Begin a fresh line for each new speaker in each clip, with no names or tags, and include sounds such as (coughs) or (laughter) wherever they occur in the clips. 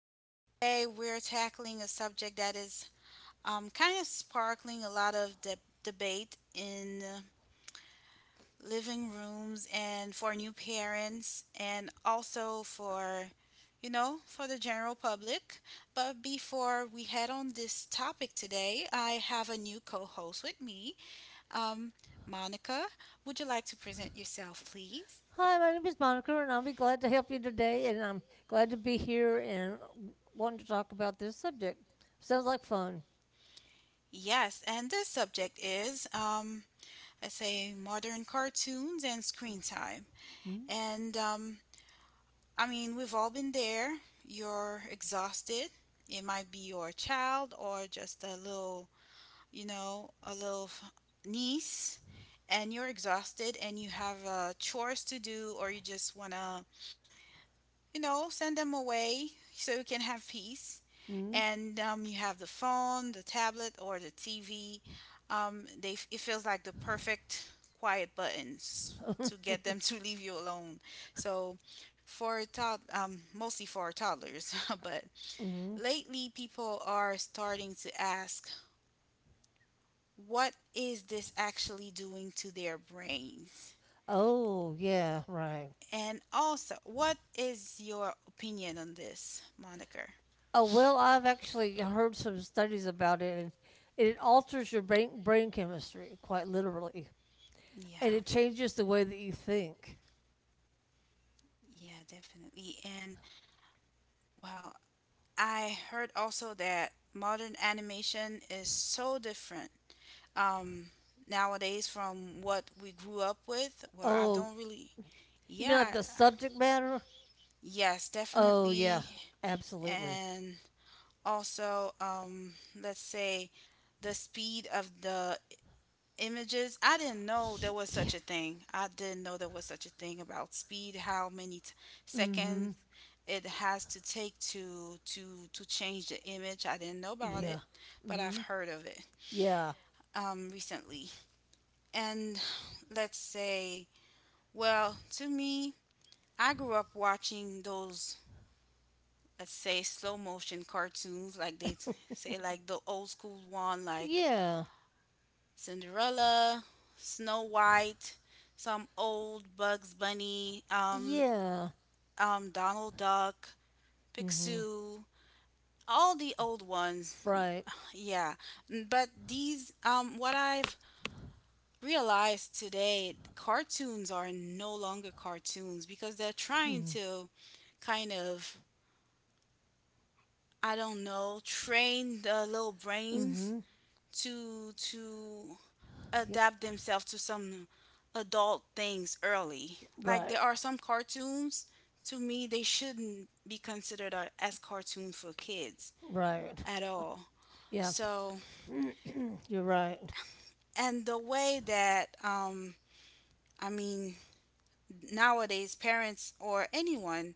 Today, we're tackling a subject that is kind of sparkling a lot of debate in living rooms and for new parents and also for the general public. But before we head on this topic today, I have a new co host with me. Um, Monica, would you like to present yourself, please?
Hi, my name is Monica, and I'll be glad to help you today. And I'm glad to be here and wanting to talk about this subject. Sounds like fun.
Yes, and this subject is, I say, modern cartoons and screen time. And I mean, we've all been there. You're exhausted. It might be your child or just a little, a niece, and you're exhausted and you have chores to do or you just want to, send them away so you can have peace.
Mm-hmm.
And you have the phone, the tablet, or the TV. They it feels like the perfect quiet buttons to get
(laughs)
them (laughs) to leave you alone. So mostly for toddlers, (laughs) but
Mm-hmm.
lately people are starting to ask, what is this actually doing to their brains?
Oh, yeah, right.
And also, what is your opinion on this, Monica?
Oh, well, I've actually heard some studies about it, and it alters your brain chemistry, quite literally. And
Yeah.
it changes the way that you think.
Yeah, definitely. And, well, I heard also that modern animation is so different um, nowadays from what we grew up with. Well, I
Oh,
don't really.
you mean like
Yeah,
the subject matter?
yes,
Oh, yeah,
definitely.
absolutely.
And also, let's say the speed of the images. I didn't know there was
Yeah.
such a thing. I didn't know there was such a thing about speed, how many
Mm
seconds
hmm.
it has to take to change the image. I didn't know about
Yeah.
it,
Mm
but I've
hmm.
heard of it
Yeah.
recently. And let's say, well, to me, I grew up watching those, let's say, slow motion cartoons, like
(laughs)
say, like the old school one, like
Yeah.
Cinderella, Snow White, some old Bugs Bunny,
Yeah.
Donald Duck,
Mm-hmm.
Picsou, all the old ones.
Right.
Yeah, but these, what I've realized today, cartoons are no longer cartoons because they're trying to kind of, I don't know, train the little brains
Mm-hmm.
to
Yep.
adapt themselves to some adult things early. Like there
Right.
are some cartoons, to me they shouldn't be considered as cartoons for kids
Right.
at all.
Yeah.
So,
(clears throat) You're right.
and the way that, I mean, nowadays parents or anyone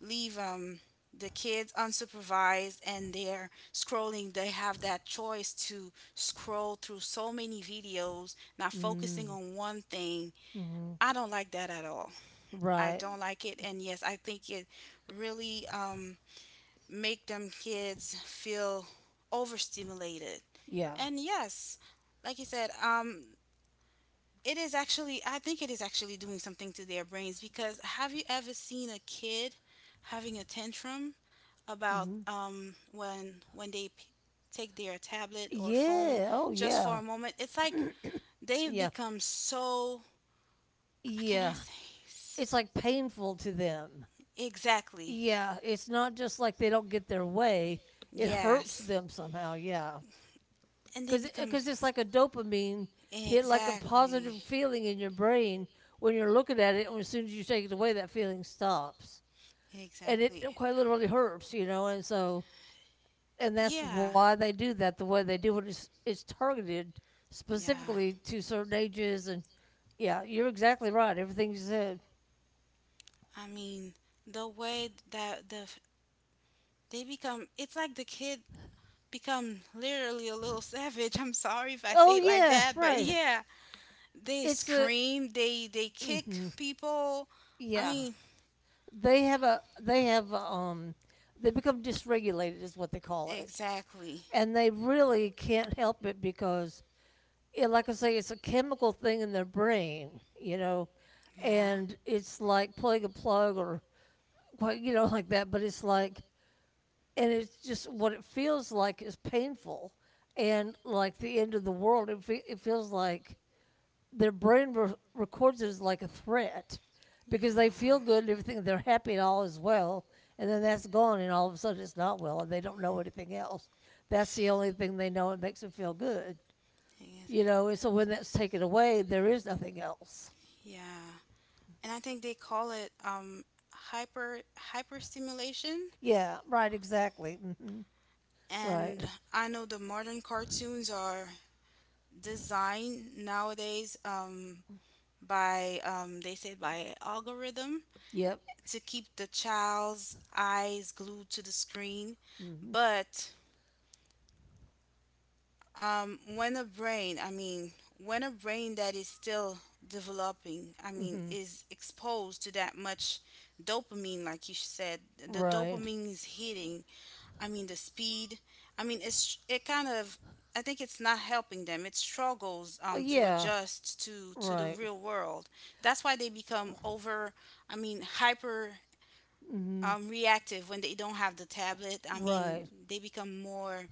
leave the kids unsupervised and they're scrolling, they have that choice to scroll through so many videos, not focusing
Mm-hmm.
on one thing. I don't like that at all. I
Right.
don't like it, and yes, I think it really, make them kids feel overstimulated.
Yeah.
And yes, like you said, it is actually, I think it is actually doing something to their brains because have you ever seen a kid having a tantrum about,
Mm-hmm.
when take their tablet or phone
Yeah. Oh,
just for
yeah.
a moment? It's like they've
Yeah.
become so, can I
Yeah.
say,
It's like painful to them.
exactly,
Yeah. It's not just like they don't get their way. It hurts
yes,
them somehow. Yeah.
and they
because
become
because it's like a dopamine hit, like a
exactly,
positive feeling in your brain when you're looking at it, and as soon as you take it away, that feeling stops, and it
exactly,
quite literally hurts, you know, and so and that's
yeah,
why they do that the way they do it. It's targeted
yeah.
specifically to certain ages, and yeah, you're exactly right. Everything you said.
I mean, the way that they become, it's like the kid become literally a little (laughs) savage. I'm sorry if I
Oh
say it like
yeah,
that, but
right.
yeah, they
It's a
scream, they kick
hmm
people. I
yeah.
mean,
They have a, they become dysregulated is what they call it.
exactly.
And they really can't help it because, it, like I say, it's a chemical thing in their brain, you know,
Yeah.
and it's like pulling a plug or what you know, (laughs) like that, but it's like, and it's just what it feels like is painful, and like the end of the world. It, it feels like their brain records it as like a threat because they feel
Yeah.
good and everything, they're happy and all is well, and then that's gone and all of a sudden it's not well and they don't know anything else. That's the only thing they know. It makes them feel good,
Yes.
you know. And so when that's taken away, there is nothing else.
Yeah, and I think they call it, hyper hyperstimulation.
Yeah, right, exactly. Hmm.
And
Right.
I know the modern cartoons are designed nowadays. By they say by algorithm
Yep.
to keep the child's eyes glued to the screen,
Hmm.
but when a brain that is still developing, I mean,
Hmm.
is exposed to that much dopamine, like you said, the
Right.
dopamine is hitting. I mean, the speed. I mean, it's it kind of. I think it's not helping them. It struggles,
Oh,
to
yeah.
adjust to the
Right.
real world. That's why they become over. I mean, hyper,
Hmm.
reactive when they don't have the tablet. I mean,
Right.
they become more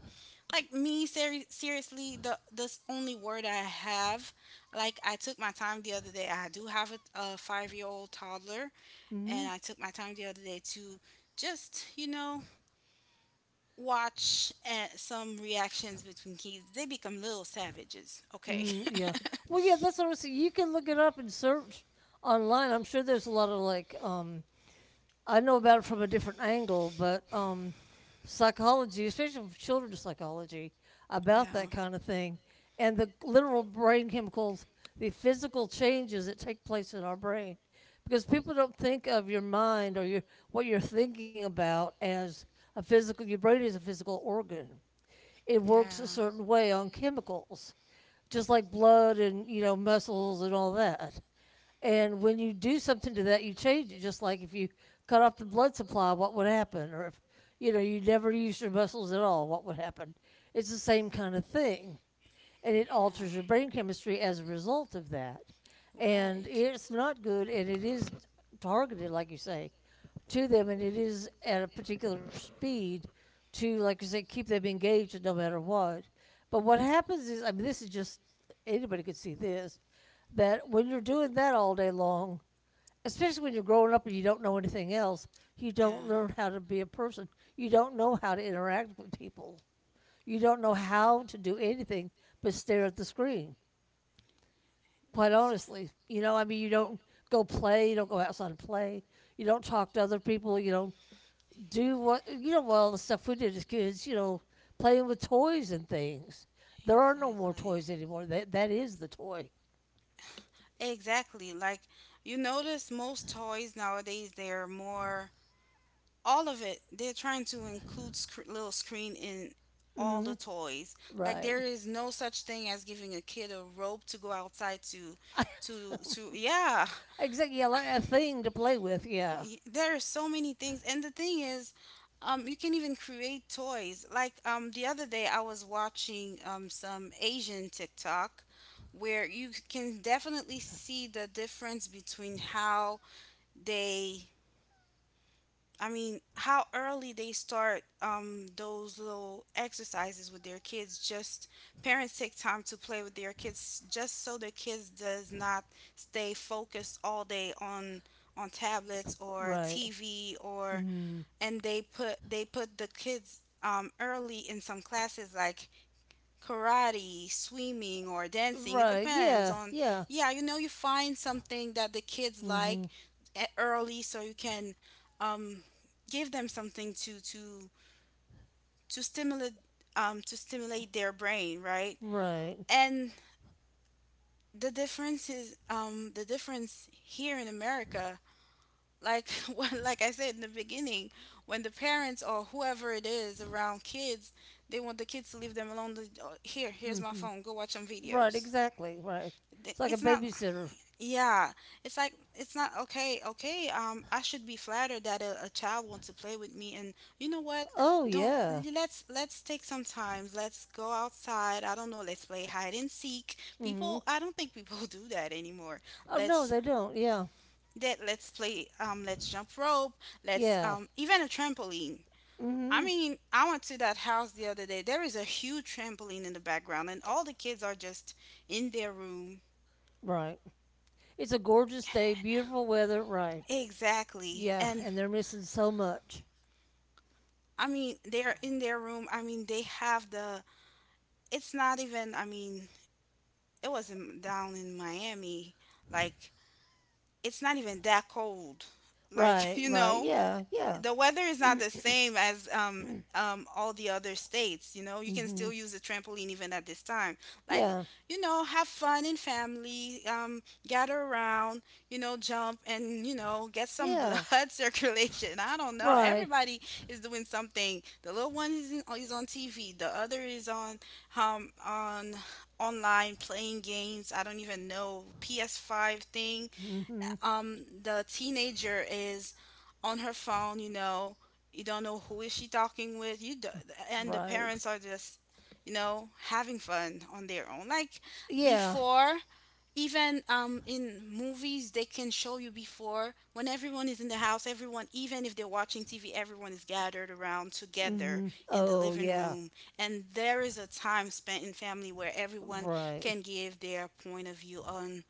like me. Seriously, the this only word I have. Like I took my time the other day. I do have a 5-year old toddler,
Hmm.
and I took my time the other day to just, you know, watch some reactions between kids, they become little savages. Okay.
Mm, yeah. Well,
(laughs)
yeah, that's what I'm saying. You can look it up and search online. I'm sure there's a lot of like, I know about it from a different angle, but psychology, especially for children's psychology, about
Yeah.
that kind of thing and the literal brain chemicals, the physical changes that take place in our brain. Because people don't think of your mind or your what you're thinking about as a physical. Your brain is a physical organ, it works a
Yeah.
certain way on chemicals, just like blood and, you know, muscles and all that. And when you do something to that, you change it. Just like if you cut off the blood supply, what would happen? Or if, you know, you never used your muscles at all, what would happen? It's the same kind of thing, and it
Yeah.
alters your brain chemistry as a result of that. And
Right.
it's not good, and it is targeted, like you say, to them, and it is at a particular speed to, like you say, keep them engaged no matter what. But what happens is, I mean, this is just anybody could see this that when you're doing that all day long, especially when you're growing up and you don't know anything else, you
Yeah.
don't learn how to be a person. You don't know how to interact with people. You don't know how to do anything but stare at the screen. Quite honestly, you know, I mean, you don't go play, you don't go outside and play, you don't talk to other people, you don't do what you know. Well, the stuff we did as kids, you know, playing with toys and things. There are no more
Exactly.
toys anymore. That is the toy.
Exactly. Like, you notice most toys nowadays, they're more, all of it, they're trying to include little screen in all
Hmm.
the toys. Like,
Right.
there is no such thing as giving a kid a rope to go outside to
(laughs)
to to yeah.
Exactly. Yeah, like a thing to play with. Yeah.
There are so many things, and the thing is, you can even create toys, like, the other day I was watching some asian tiktok where you can definitely see the difference between how they, I mean, how early they start, those little exercises with their kids. Just parents take time to play with their kids, just so their kids does not stay focused all day on, tablets or
Right.
TV or.
Hmm.
And they put the kids, early in some classes like karate, swimming, or dancing. It
Right.
depends
Yeah.
on,
Yeah.
yeah, you know, you find something that the kids like
Hmm.
early so you can, um, give them something to stimulate. To stimulate their brain, right?
Right.
And the difference is, the difference here in America, like (laughs) like I said in the beginning, when the parents or whoever it is around kids, they want the kids to leave them alone. They- oh, here, here's my
Hmm.
phone. Go watch some
Right,
videos.
exactly. Right. It's like a
It's not,
babysitter.
yeah, it's like it's not okay. Okay, I should be flattered that a child wants to play with me, and, you know what,
Oh,
don't,
yeah.
let's take some time, let's go outside. I don't know, let's play hide and seek.
Hmm.
People, I don't think people (laughs) do that anymore.
Oh, no,
let's
they don't. Yeah.
that let's play, let's jump rope, let's,
Yeah.
even a trampoline. I
Hmm.
mean, I went to that house the other day. There is a huge trampoline in the background, and all the kids are just in their room.
Right. It's a gorgeous day, beautiful weather. Right.
Exactly.
Yeah.
And
And they're missing so much.
I mean, they're in their room. I mean, they have the. It's not even. I mean, it wasn't down in Miami. Like, it's not even that cold. Like, (laughs)
Right.
you
Right.
know,
Yeah. Yeah.
the weather is not the same as,
(coughs)
all the other states. You know,
(clears throat)
you can
Hmm.
still use the trampoline even at this time. Like,
Yeah.
you know, have fun in family, gather around, you know, jump and, you know, get some
Yeah.
blood (laughs) circulation. I don't know.
Right.
Everybody is doing something. The little one is, in, is on TV, the other is on, um, on online playing games. I don't even know. PS5 thing.
Hmm.
The teenager is on her phone, you know, you don't know who is she talking with, you do, and the
Right.
parents are just, you know, having fun on their own. Like,
Yeah.
before, even, in movies they can show you before when everyone is in the house, everyone, even if they're watching tv, everyone is gathered around together
Hmm.
in the
Oh,
living
yeah.
room, and there is a time spent in family where everyone
Right.
can give their point of view on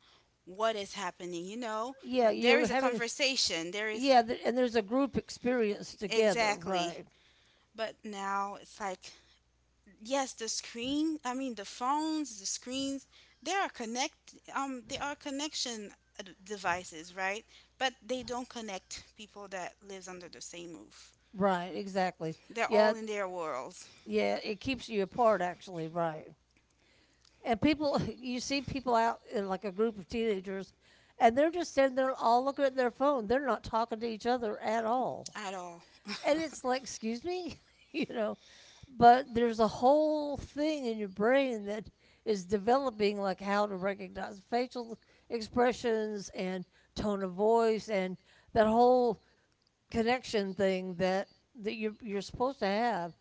what is happening, you know,
Yeah.
there
You're
is a
having,
conversation, there is,
yeah. And there's a group experience together.
exactly,
Right.
but now it's like, yes, the screen, I mean the phones, the screens, they are connect they are connection devices, right? But they don't connect people that lives under the same roof.
Right, exactly.
They're all
Yeah,
in their worlds.
yeah, it keeps you apart actually, right. And people (laughs) you see people out in like a group of teenagers and they're just sitting there all looking at their phone. They're not talking to each other at all.
At all. (laughs)
And it's like, excuse me, (laughs) you know, but there's a whole thing in your brain that is developing like how to recognize facial expressions and tone of voice and that whole connection thing that that you're supposed to have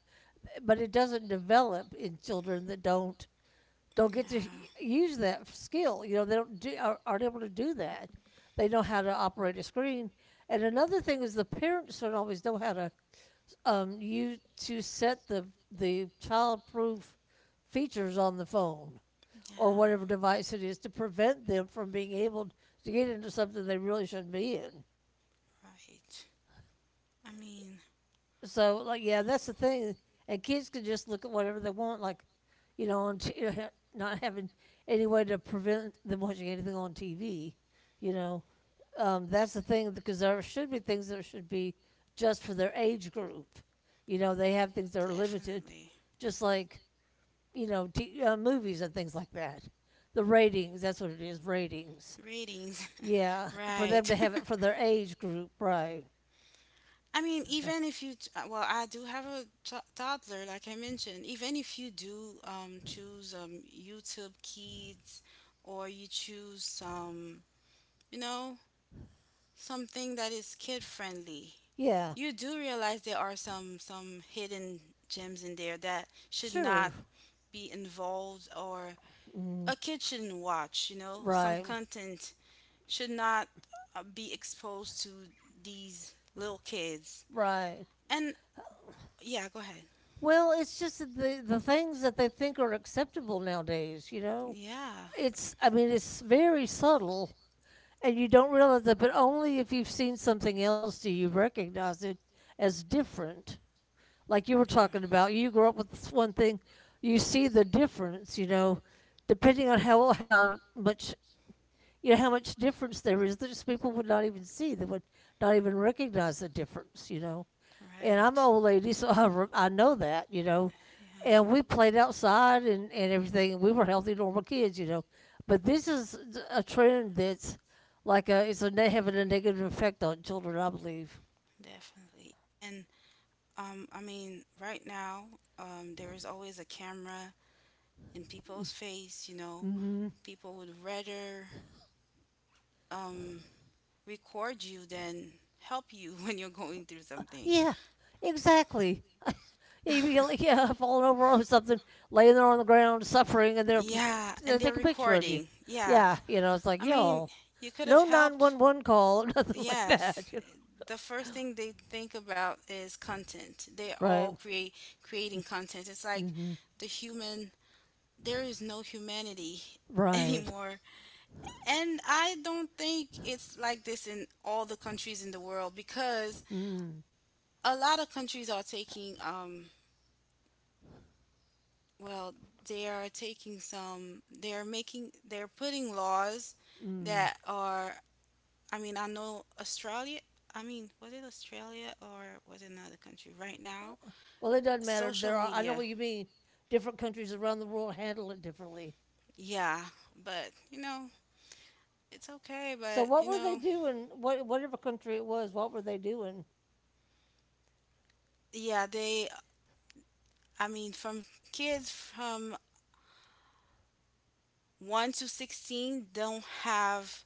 but it doesn't develop in children that don't get to
Yeah,
use that skill. You know, they don't do, are, aren't able to do that. They know how to operate a screen. And another thing is the parents don't always know how to use to set the child-proof features on the phone or
yeah,
whatever device it is to prevent them from being able to get into something they really shouldn't be in.
right, I mean.
So like yeah, that's the thing. And kids can just look at whatever they want, like you know, on (laughs) you know, not having any way to prevent them watching anything on TV. You know, that's the thing because there should be things that should be just for their age group. You know, they have things that are limited,
Definitely.
just like you know, movies and things like that. The ratings, that's what it is, ratings.
Ratings.
Yeah,
(laughs)
for them
Right.
to have
(laughs)
it for their age group, right?
I mean, even if you, well, I do have a toddler, like I mentioned. Even if you do, choose, YouTube Kids, or you choose some, you know, something that is kid friendly,
Yeah,
you do realize there are some hidden gems in there that should
sure,
not be involved, or
mm,
a kid shouldn't watch. You know, some
right.
content should not, be exposed to these little kids.
Right.
And yeah, go ahead.
Well, it's just that the things that they think are acceptable nowadays, you know.
Yeah.
It's I mean, it's very subtle and you don't realize that but only if you've seen something else do you recognize it as different. Like you were talking about, you
Yeah.
grew up with this one thing, you see the difference, you know, depending on how much you know how much difference there is, there's people would not even see. They would not even recognize the difference, you know. And I'm
Right.
an old lady, (laughs) so I, I know that, you know.
Yeah.
And we played outside and everything. We were healthy, normal kids, you know. But this is a trend that's like a, it's a having a negative effect on children, I believe.
Definitely. And, I mean, right now, there is always a camera in people's face, you know.
Mm hmm.
People would rather, um, record you than help you (laughs) when you're going through something.
Yeah, exactly. (laughs) You'd be like, yeah, falling over or something, laying there on the ground, suffering, and they're
Yeah,
they
and they're
take a picture of you.
recording. Yeah.
Yeah, you know, it's like
I mean,
y'all,
you could have
no nine
helped.
one one call, (laughs) nothing like that.
Yes.
You know,
The first thing they think about is content. They
right?
all create creating content. It's like
Mm hmm.
the human, there is no humanity (laughs)
Right.
anymore. And I don't think it's like this in all the countries in the world because
Mm,
a lot of countries are taking, well, they are taking some, they're making they're putting laws
mm.
that are, I mean, I know australia, I mean was it australia or was it another country right now,
Well, it doesn't matter.
social
There are, I know
media,
what you mean. Different countries around the world handle it differently.
yeah, but you know, it's okay,
So,
but
what
you
were they
know,
doing? What, whatever country it was, what were they doing?
yeah, they, I mean, from kids from 1 to 16 don't have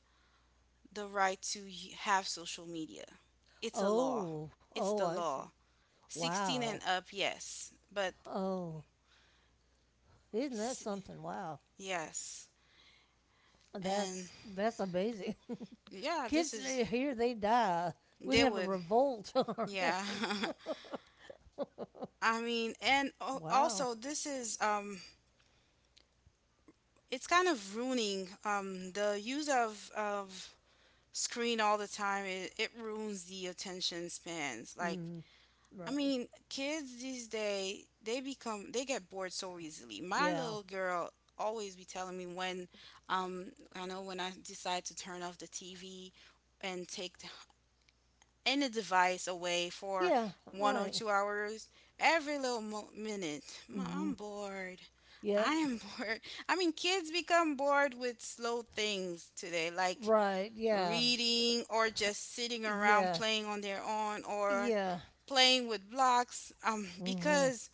the right to have social media, it's a law,
Oh,
it's
oh,
the
I see.
law, 16
Wow.
and up, yes. But
Oh, isn't that
s-
something? Wow.
yes. And
That's amazing. (laughs)
yeah, this
Kids
is
eh, here, they die. We'd
they
have a
would.
revolt (laughs) on our
Yeah.
hands.
(laughs)
(laughs)
I mean, and al-
Wow.
also this is it's kind of ruining the use of screen all the time. It ruins the attention spans.
Mm, right.
Kids these days they get bored so easily. My
Yeah.
little girl always be telling me when I know when I decide to turn off the TV and any device away for
Yeah.
one or
Right.
two hours, every minute, Mom,
Mm-hmm.
I'm bored.
Yeah.
I am (laughs) bored. I mean, kids become bored with slow things today, like
Right. Yeah.
reading or just sitting around
Yeah.
playing on their own or
Yeah.
playing with blocks
Hmm.
because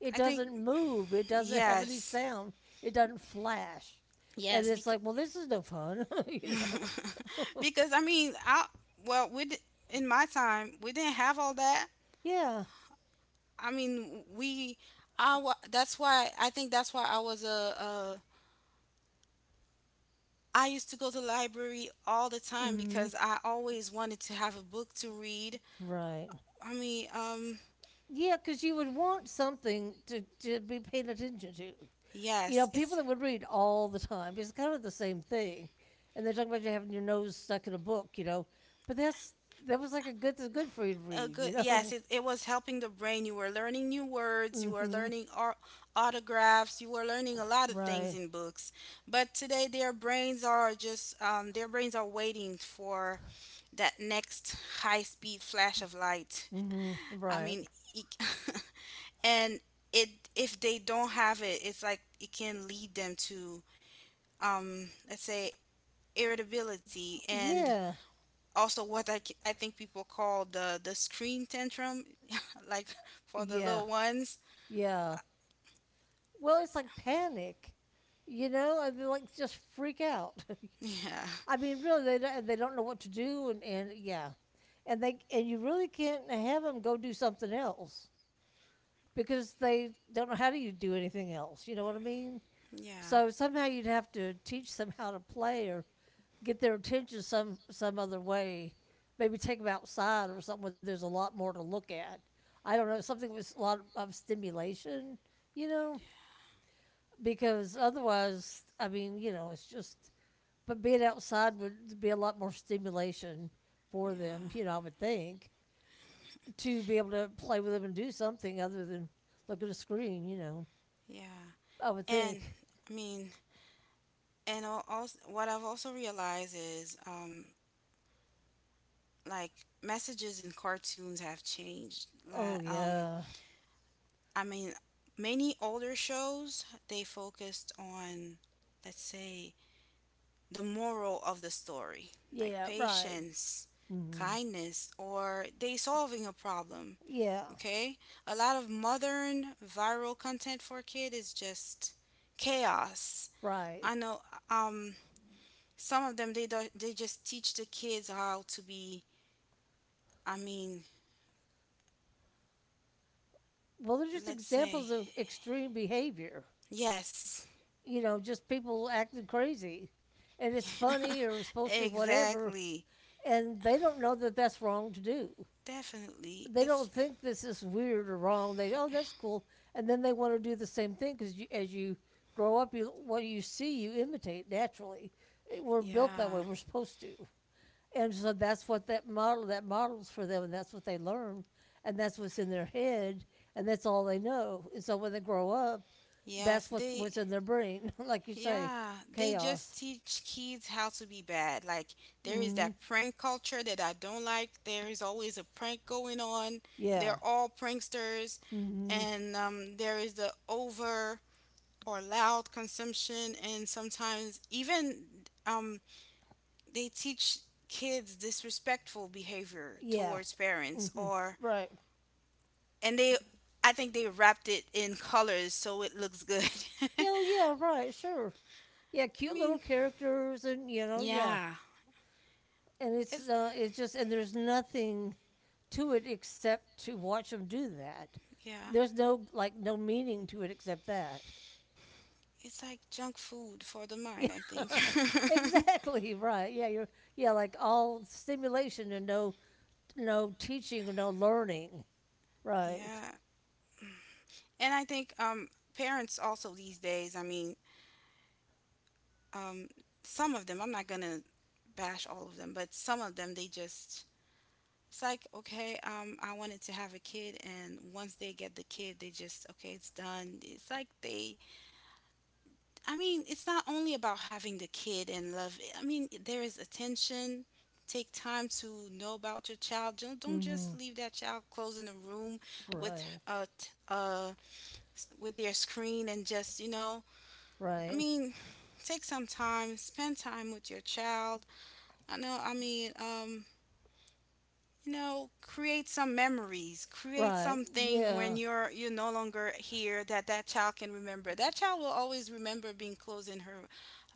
It
I think
doesn't move. It doesn't have any
yes.
sound. It doesn't flash. And
Yes,
it's
because
like, well, this is no fun, (laughs) you know.
(laughs) because I mean, I well, in my time we didn't have all that.
(laughs) Yeah.
I mean, we that's why I was a I used to go to the library all the time
Hmm.
because I always wanted to have a book to read.
Right.
I mean,
Yeah, because you would want something to be paid attention to. You know,
yes,
people
it's
that would read all the time, it's kind of the same thing. And they're talking about you having your nose stuck in a book, you know. But that's, that was like a good, that's good for you to
A
read,
good,
you
yes,
know.
it was helping the brain. You were learning new words, you
(laughs)
were
Hmm.
learning autographs, you were learning a lot of things
Right.
in books. But today, their brains are just, their brains are waiting for that next high speed flash of light.
Mm-hmm.
(laughs) I
Right.
mean, it- (laughs) and it if they don't have it, it's like it can lead them to, let's say, irritability and
Yeah.
also I think people call the screen tantrum (laughs) like for the
Yeah.
little ones.
Yeah. Well, it's like panic, you know, and they like just freak out.
Yeah,
(laughs) I mean, really, they don't know what to do, and yeah, and they and you really can't have them go do something else because they don't know how to you do anything else. You know what I mean?
yeah,
So somehow you'd have to teach them how to play or get their attention some other way. Maybe take them outside or something where there's a lot more to look at. I don't know something with a lot of stimulation, you know, because otherwise, I mean, you know, it's just. But being outside would be a lot more stimulation for them,
yeah,
you know. I would think to be able to play with them and do something other than look at a screen, you know.
yeah.
I would
And
think.
I mean, and also what I've also realized is like messages in cartoons have changed, like.
Oh yeah,
I mean many older shows they focused on, let's say, the moral of the story, like
yeah, right.
patience,
Mm-hmm.
kindness, or they solving a problem.
Yeah,
Okay? A lot of modern viral content for kid is just chaos.
right.
I know, um some of them they do, they just teach the kids how to be, I mean,
Well, they're just
let's say,
examples of extreme behavior.
yes.
You know, just people acting crazy, and it's funny or
(laughs)
supposed to be whatever,
Exactly.
and they don't know that that's wrong to do.
Definitely.
They
It's
don't think this is weird or wrong. They oh that's cool, and then they want to do the same thing because as you grow up, you what you see you imitate naturally. We're built that
yeah.
way. We're supposed to, and so that models for them, and that's what they learn, and that's what's in their head, and that's all they know. And so when they grow up,
Yes,
that's what
they
was in their brain, (laughs) like you say,
Yeah, they
chaos.
just teach kids how to be bad. Like, there is
Mm,
that prank culture that I don't like. There is always a prank going on.
yeah.
They're all pranksters,
Mm-hmm.
and there is the over or loud consumption, and sometimes even, um, they teach kids disrespectful behavior
Yeah.
towards parents,
Mm-hmm.
or
Right.
and they, I think they wrapped it in colors so it looks good. (laughs)
Yeah. Oh, Yeah. Right. Sure. Yeah.
I
Cute
mean,
little characters, and you know, yeah.
yeah,
And it's
it's
uh, it's just and there's nothing to it except to watch them do that.
yeah.
There's no meaning to it except that. (laughs)
It's like junk food for the
Yeah.
mind, I think. (laughs)
Exactly. Right. Yeah. You're yeah like all stimulation and no teaching or no learning. Right.
Yeah. And I think, parents also these days, I mean, um, some of them, I'm not going to bash all of them, but some of them, they just, it's like, okay, I wanted to have a kid. And once they get the kid, they just, okay, it's done. It's like they I mean, it's not only about having the kid and love. I mean, there is attention. Take time to know about your child. Don't
Mm-hmm.
just leave that child closed in a room with
Right.
uh t- uh with their screen and just, you know. I
Right.
mean, take some time. Spend time with your child. I know. I mean, you know, create some memories. Create
Right.
something when
Yeah.
you're no longer here that that child can remember. That child will always remember being closed in her,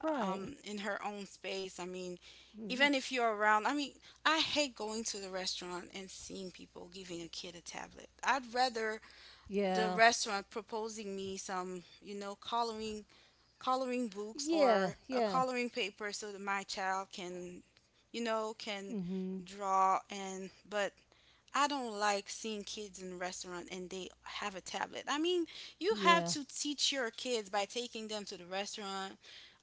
Right.
in her own space. I mean,
Mhm.
even if you're around, I mean, I hate going to the restaurant and seeing people giving a kid a tablet. I'd rather the
Yeah.
restaurant proposing me some, you know, coloring books
Yeah.
or a
Yeah.
coloring paper so that my child can, you know, can
Mhm.
draw and but I don't like seeing kids in restaurant and they have a tablet. I mean, you have
Yeah.
to teach your kids by taking them to the restaurant,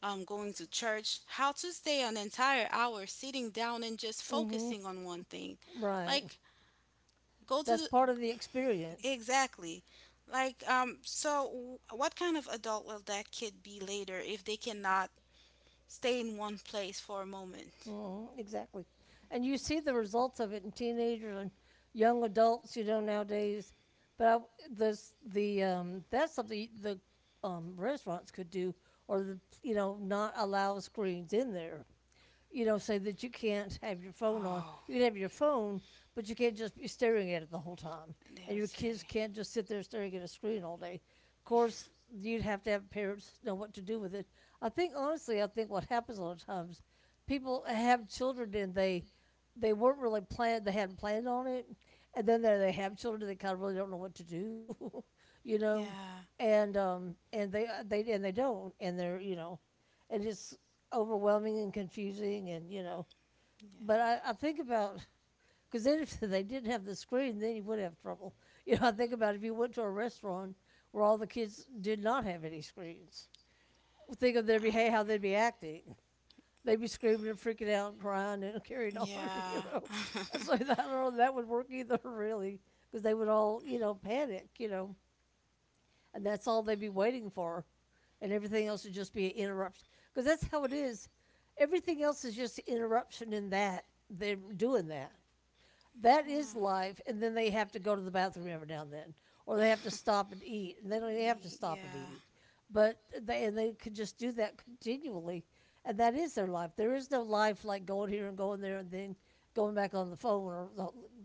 going to church, how to stay an entire hour sitting down and just
Mhm.
focusing on one thing.
Right.
Like, go to
That's
the,
part of the experience.
exactly. Like, what kind of adult will that kid be later if they cannot stay in one place for a moment?
Mhm. Exactly. And you see the results of it in teenagers and young adults, you know, nowadays. But this the that's something the restaurants could do or the you know not allow screens in there. You know, say that you can't have your phone on.
Oh,
You can have your phone, but you can't just be staring at it the whole time.
they
And
would
your kids
say,
can't just sit there staring at a screen all day. Of course, you'd have to have parents know what to do with it. I think honestly, I think what happens a lot of times, people have children and they weren't really planned. They hadn't planned on it, and then they have children and they kind of really don't know what to do, (laughs) you know,
yeah,
and they and they don't and they're you know and it's overwhelming and confusing and you know
yeah.
But I think about because then if they didn't have the screen then you would have trouble (laughs) you know I think about if you went to a restaurant where all the kids did not have any screens, think of their
I
behavior how they'd be acting. They'd be screaming and freaking out and crying and (laughs) carrying on, you
Yeah.
know. I so (laughs) I
(laughs)
don't know that would work either (laughs) really because they would all you know panic, you know, and that's all they'd be waiting for, and everything else would just be an interruption. Because that's how it is. Everything else is just interruption in that they're doing that. That is
Yeah.
life, and then they have to go to the bathroom every now and then, or they have to stop and eat, and they don't even have to stop and
Yeah.
eat. But they and they could just do that continually, and that is their life. There is no life like going here and going there and then going back on the phone or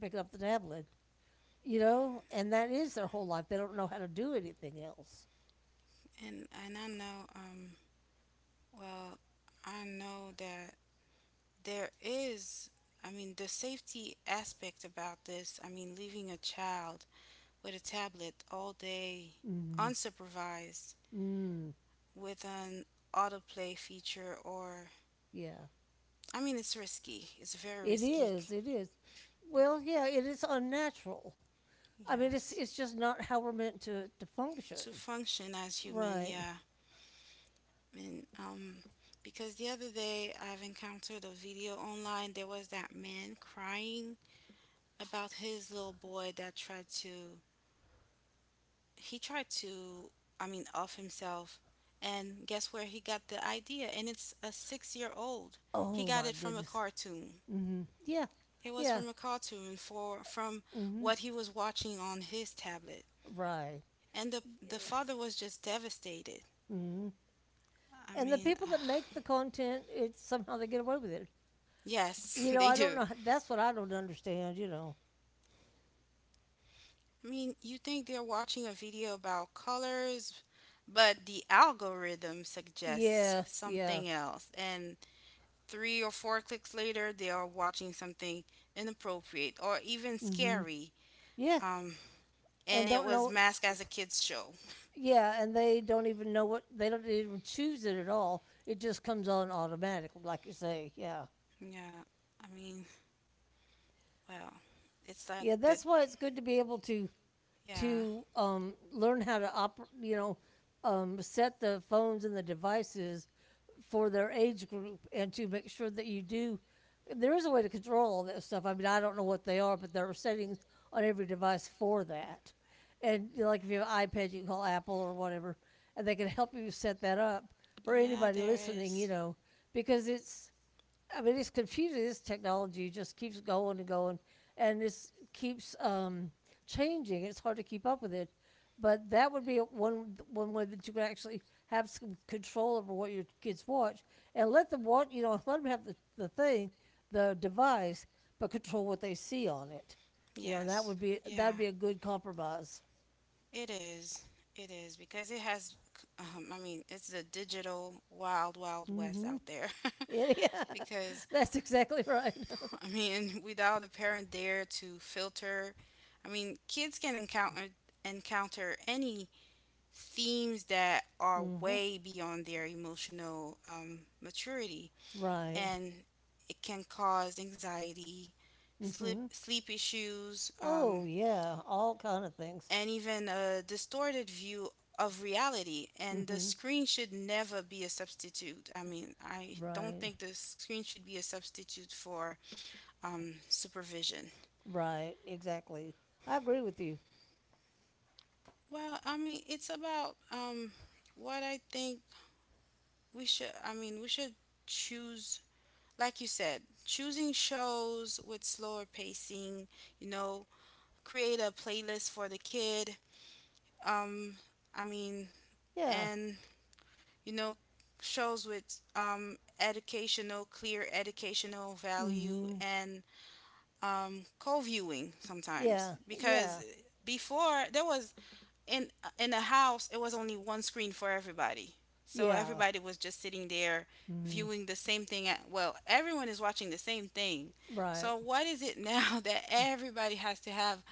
picking up the tablet, you know. And that is their whole life. They don't know how to do anything else.
And I know, well, I know that there is I mean the safety aspect about this, I mean leaving a child with a tablet all day
Mhm.
unsupervised
Mm,
with an autoplay feature or,
yeah.
I mean it's risky. It's very
It
risky.
is, it is.
Be-
Well, yeah, it is unnatural. I mean, it's
Yes.
it's just not how we're meant to function.
To function as human,
Right.
yeah. And, because the other day I've encountered a video online, there was that man crying about his little boy that tried to, I mean, off himself. And guess where he got the idea? And it's a 6 year old. He
Oh
got
my
it from a
goodness.
cartoon.
Mhm. Yeah.
It was
Yeah.
from a cartoon for from
Mhm.
what he was watching on his tablet.
Right.
And the father was just devastated.
Mhm.
I
And the
mean,
people that
(sighs)
make the content, it's somehow they get away with it.
yes,
You
(laughs)
know,
they
I don't
do.
know. That's what I don't understand, you know.
I mean, you think they're watching a video about colors, but the algorithm suggests
Yeah. Yeah.
something else. And three or four clicks later, they are watching something inappropriate or even
Mhm.
scary.
Yeah.
Um,
And
and it
don't
was
know.
masked as a kids' show.
Yeah, and they don't even know what they don't even choose it at all. It just comes on automatic, like you say. Yeah,
Yeah, I mean, well, it's like
yeah.
the.
That's why it's good to be able to
Yeah,
learn how to set the phones and the devices for their age group and to make sure that you do. There is a way to control all that stuff. I mean, I don't know what they are but there are settings on every device for that. And you know, like if you have an iPad you can call Apple or whatever and they can help you set that up for
yeah,
anybody
there
listening,
is.
you know, because it's I mean, it's confusing. This technology just keeps going and going, and it keeps changing. It's hard to keep up with it. But that would be one way that you could actually have some control over what your kids watch, and let them watch. You know, (laughs) let them have the thing, the device, but control what they see on it. You know, and
Yes,
that
yeah,
would be a good compromise.
it is. It is because I mean, it's a digital wild, wild west
Mm-hmm.
out
(laughs)
there.
Yeah,
(laughs) because
that's exactly right. (laughs)
(laughs) without a parent there to filter, I mean, kids can encounter any themes that are
Mm-hmm.
way beyond their emotional, maturity,
Right.
and it can cause anxiety, sleep
Mm-hmm.
sleep issues,
Oh, yeah, all kind of things.
and even a distorted view of reality. And the
Mm-hmm.
screen should never be a substitute. I don't
Right.
think the screen should be a substitute for, supervision.
Right. Exactly. I agree with you.
Well, I mean, it's about, what I think we should I mean, we should choose, like you said, choosing shows with slower pacing, you know, create a playlist for the kid. Um I mean,
Yeah.
and you know, shows with, educational, clear educational value
Mm-hmm.
and, co-viewing sometimes.
Yeah.
Because
Yeah.
before, there was in in a house it was only one screen for everybody, so
Yeah.
everybody was just sitting there
Mm-hmm.
viewing the same thing at, well, everyone is watching the same thing.
Right.
So what is it now (laughs) that everybody has to have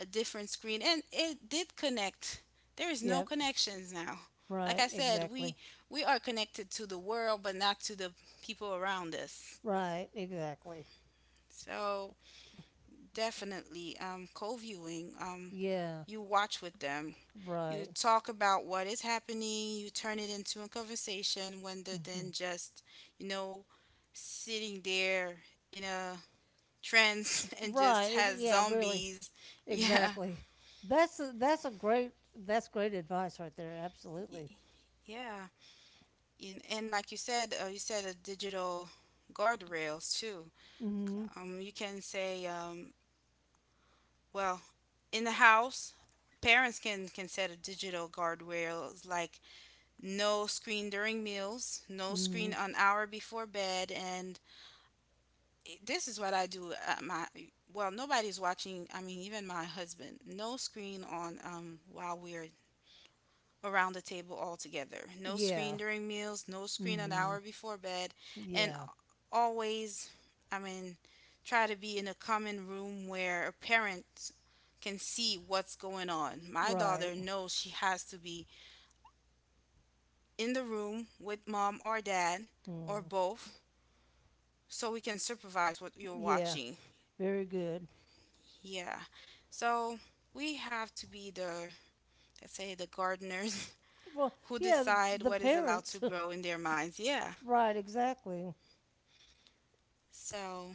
a different screen and it did connect there is
Yep.
no connections now. Like
Right.
I said,
Exactly.
we are connected to the world but not to the people around us.
Right. Exactly.
So, definitely, co-viewing.
Yeah.
You watch with them. You
Right.
talk about what is happening. You turn it into a conversation rather than
Mm-hmm.
just, you know, sitting there in a trance (laughs) and just
Right.
has
Yeah. Really.
zombies. (laughs) Yeah.
Exactly. That's a great, that's great advice right there.
Y-
Absolutely.
Yeah. And like you said a digital guardrails too.
Hmm.
You can say, well, in the house, parents can set a digital guardrails like no screen during meals, no
Hmm.
screen an hour before bed, and this is what I do at my, well, nobody's watching, I mean even my husband. No screen on while we're around the table all together. No
Yeah.
screen during meals, no screen an
Hmm.
hour before bed, and
Yeah.
always, I mean try to be in a common room where a parent can see what's going on. My
Right.
daughter knows she has to be in the room with mom or dad or
Hmm.
both, so we can supervise what you're
Yeah,
watching.
very good.
Yeah. So we have to be the, let's say, the gardeners
Well,
(laughs) who
yeah,
decide
the
what is allowed
parents.
to grow in their minds. Yeah.
(laughs) Right, exactly.
So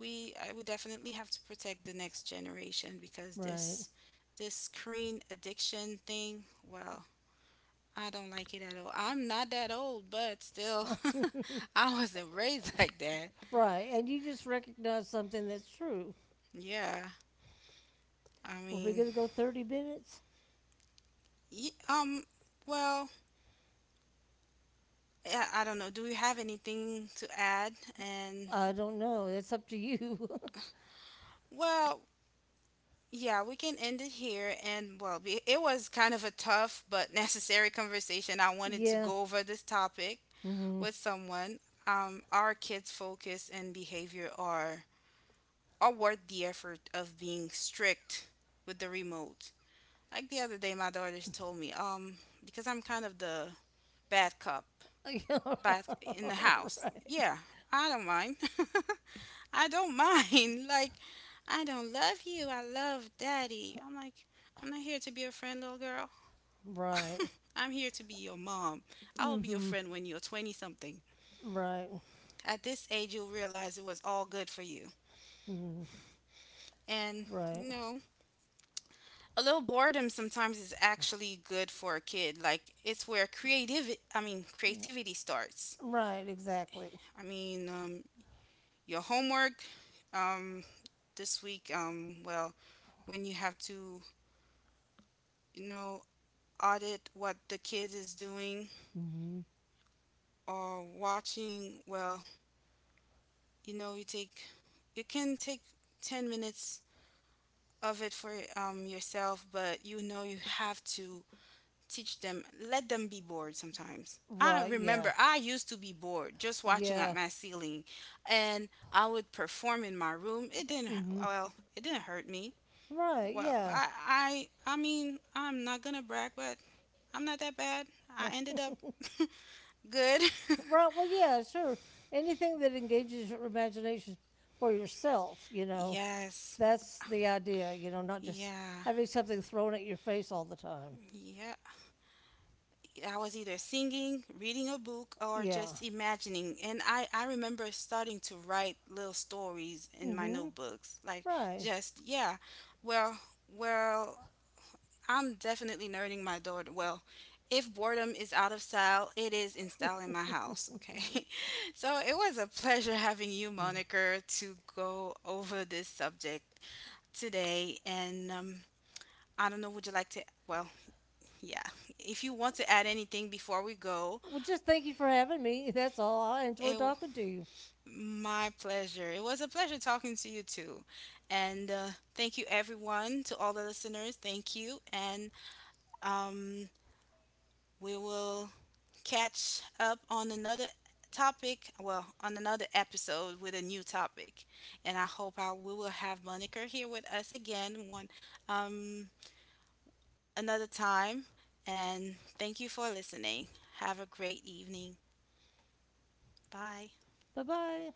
we I would definitely have to protect the next generation because
Right.
this screen addiction thing, well, I don't like it at all. I'm not that old, but still
(laughs)
(laughs) I wasn't raised (laughs) like that.
Right, and you just recognize something that's true.
Yeah. I
Were we
mean,
going to go 30 minutes?
Ye- um, well, I don't know. Do we have anything to add? And,
I don't know. It's up to you.
well, yeah, we can end it here. And, well, it was kind of a tough but (laughs) necessary conversation. I wanted to
(laughs) Yeah.
go over this topic
Mm-hmm.
with someone. Our kids' focus and behavior are worth the effort of being strict with the remote. Like the other day, my daughters told me, because I'm kind of the bad cop back in the
(laughs)
house.
Right.
Yeah, I don't mind. (laughs) I don't mind. (laughs) Like, I don't love you. I love daddy. I'm like, I'm not here to be a friend, little girl.
Right.
(laughs) I'm here to be your mom. I will be your
Mm-hmm.
friend when you're 20 something.
Right.
At this age, you'll realize it was all good for you.
Mm-hmm.
And,
Right.
you know, a little boredom sometimes is actually good for a kid. Like, it's where
Yeah.
creativity starts.
Right, exactly.
I mean, your homework, um, this week. Well, when you have to, you know, audit what the kid is doing
Mm-hmm.
or watching, well, you know, you can take 10 minutes of it for, yourself, but you know, you have to teach them, let them be bored sometimes. I
Right, yeah.
remember I used to be bored just watching at
Yeah.
my ceiling and I would perform in my room. It didn't,
Mm-hmm.
well, it didn't hurt me.
Right,
Well,
yeah.
I mean, I'm not gonna brag, but I'm not that bad. I ended up
(laughs)
(laughs) good. (laughs)
Right. Well, yeah, sure. Anything that engages your imagination for yourself, you know,
Yes.
that's the idea, you know, not just
Yeah.
having something thrown at your face all the time.
Yeah. I was either singing, reading a book, or
Yeah.
just imagining. And, I remember starting to write little stories in
Mm
my
hmm.
notebooks. Like,
Right.
just, yeah. Well, well, I'm definitely nerding my daughter. Well, if boredom is out of style, it is in style in my house, okay? (laughs) So it was a pleasure having you,
Mhm.
Moniker, to go over this subject today. And, I don't know, would you like to? Well, yeah. If you want to add anything before we go,
Well, just thank you for having me. (laughs) That's all. I enjoy
it
talking to you.
my pleasure. It was a pleasure talking to you too. And thank you, everyone, to all the listeners. Thank you. And, um, we will catch up on another topic, well, on another episode with a new topic. And I hope I we will have Monica here with us again one, um another time. And thank you for listening. Have a great evening. Bye.
Bye bye.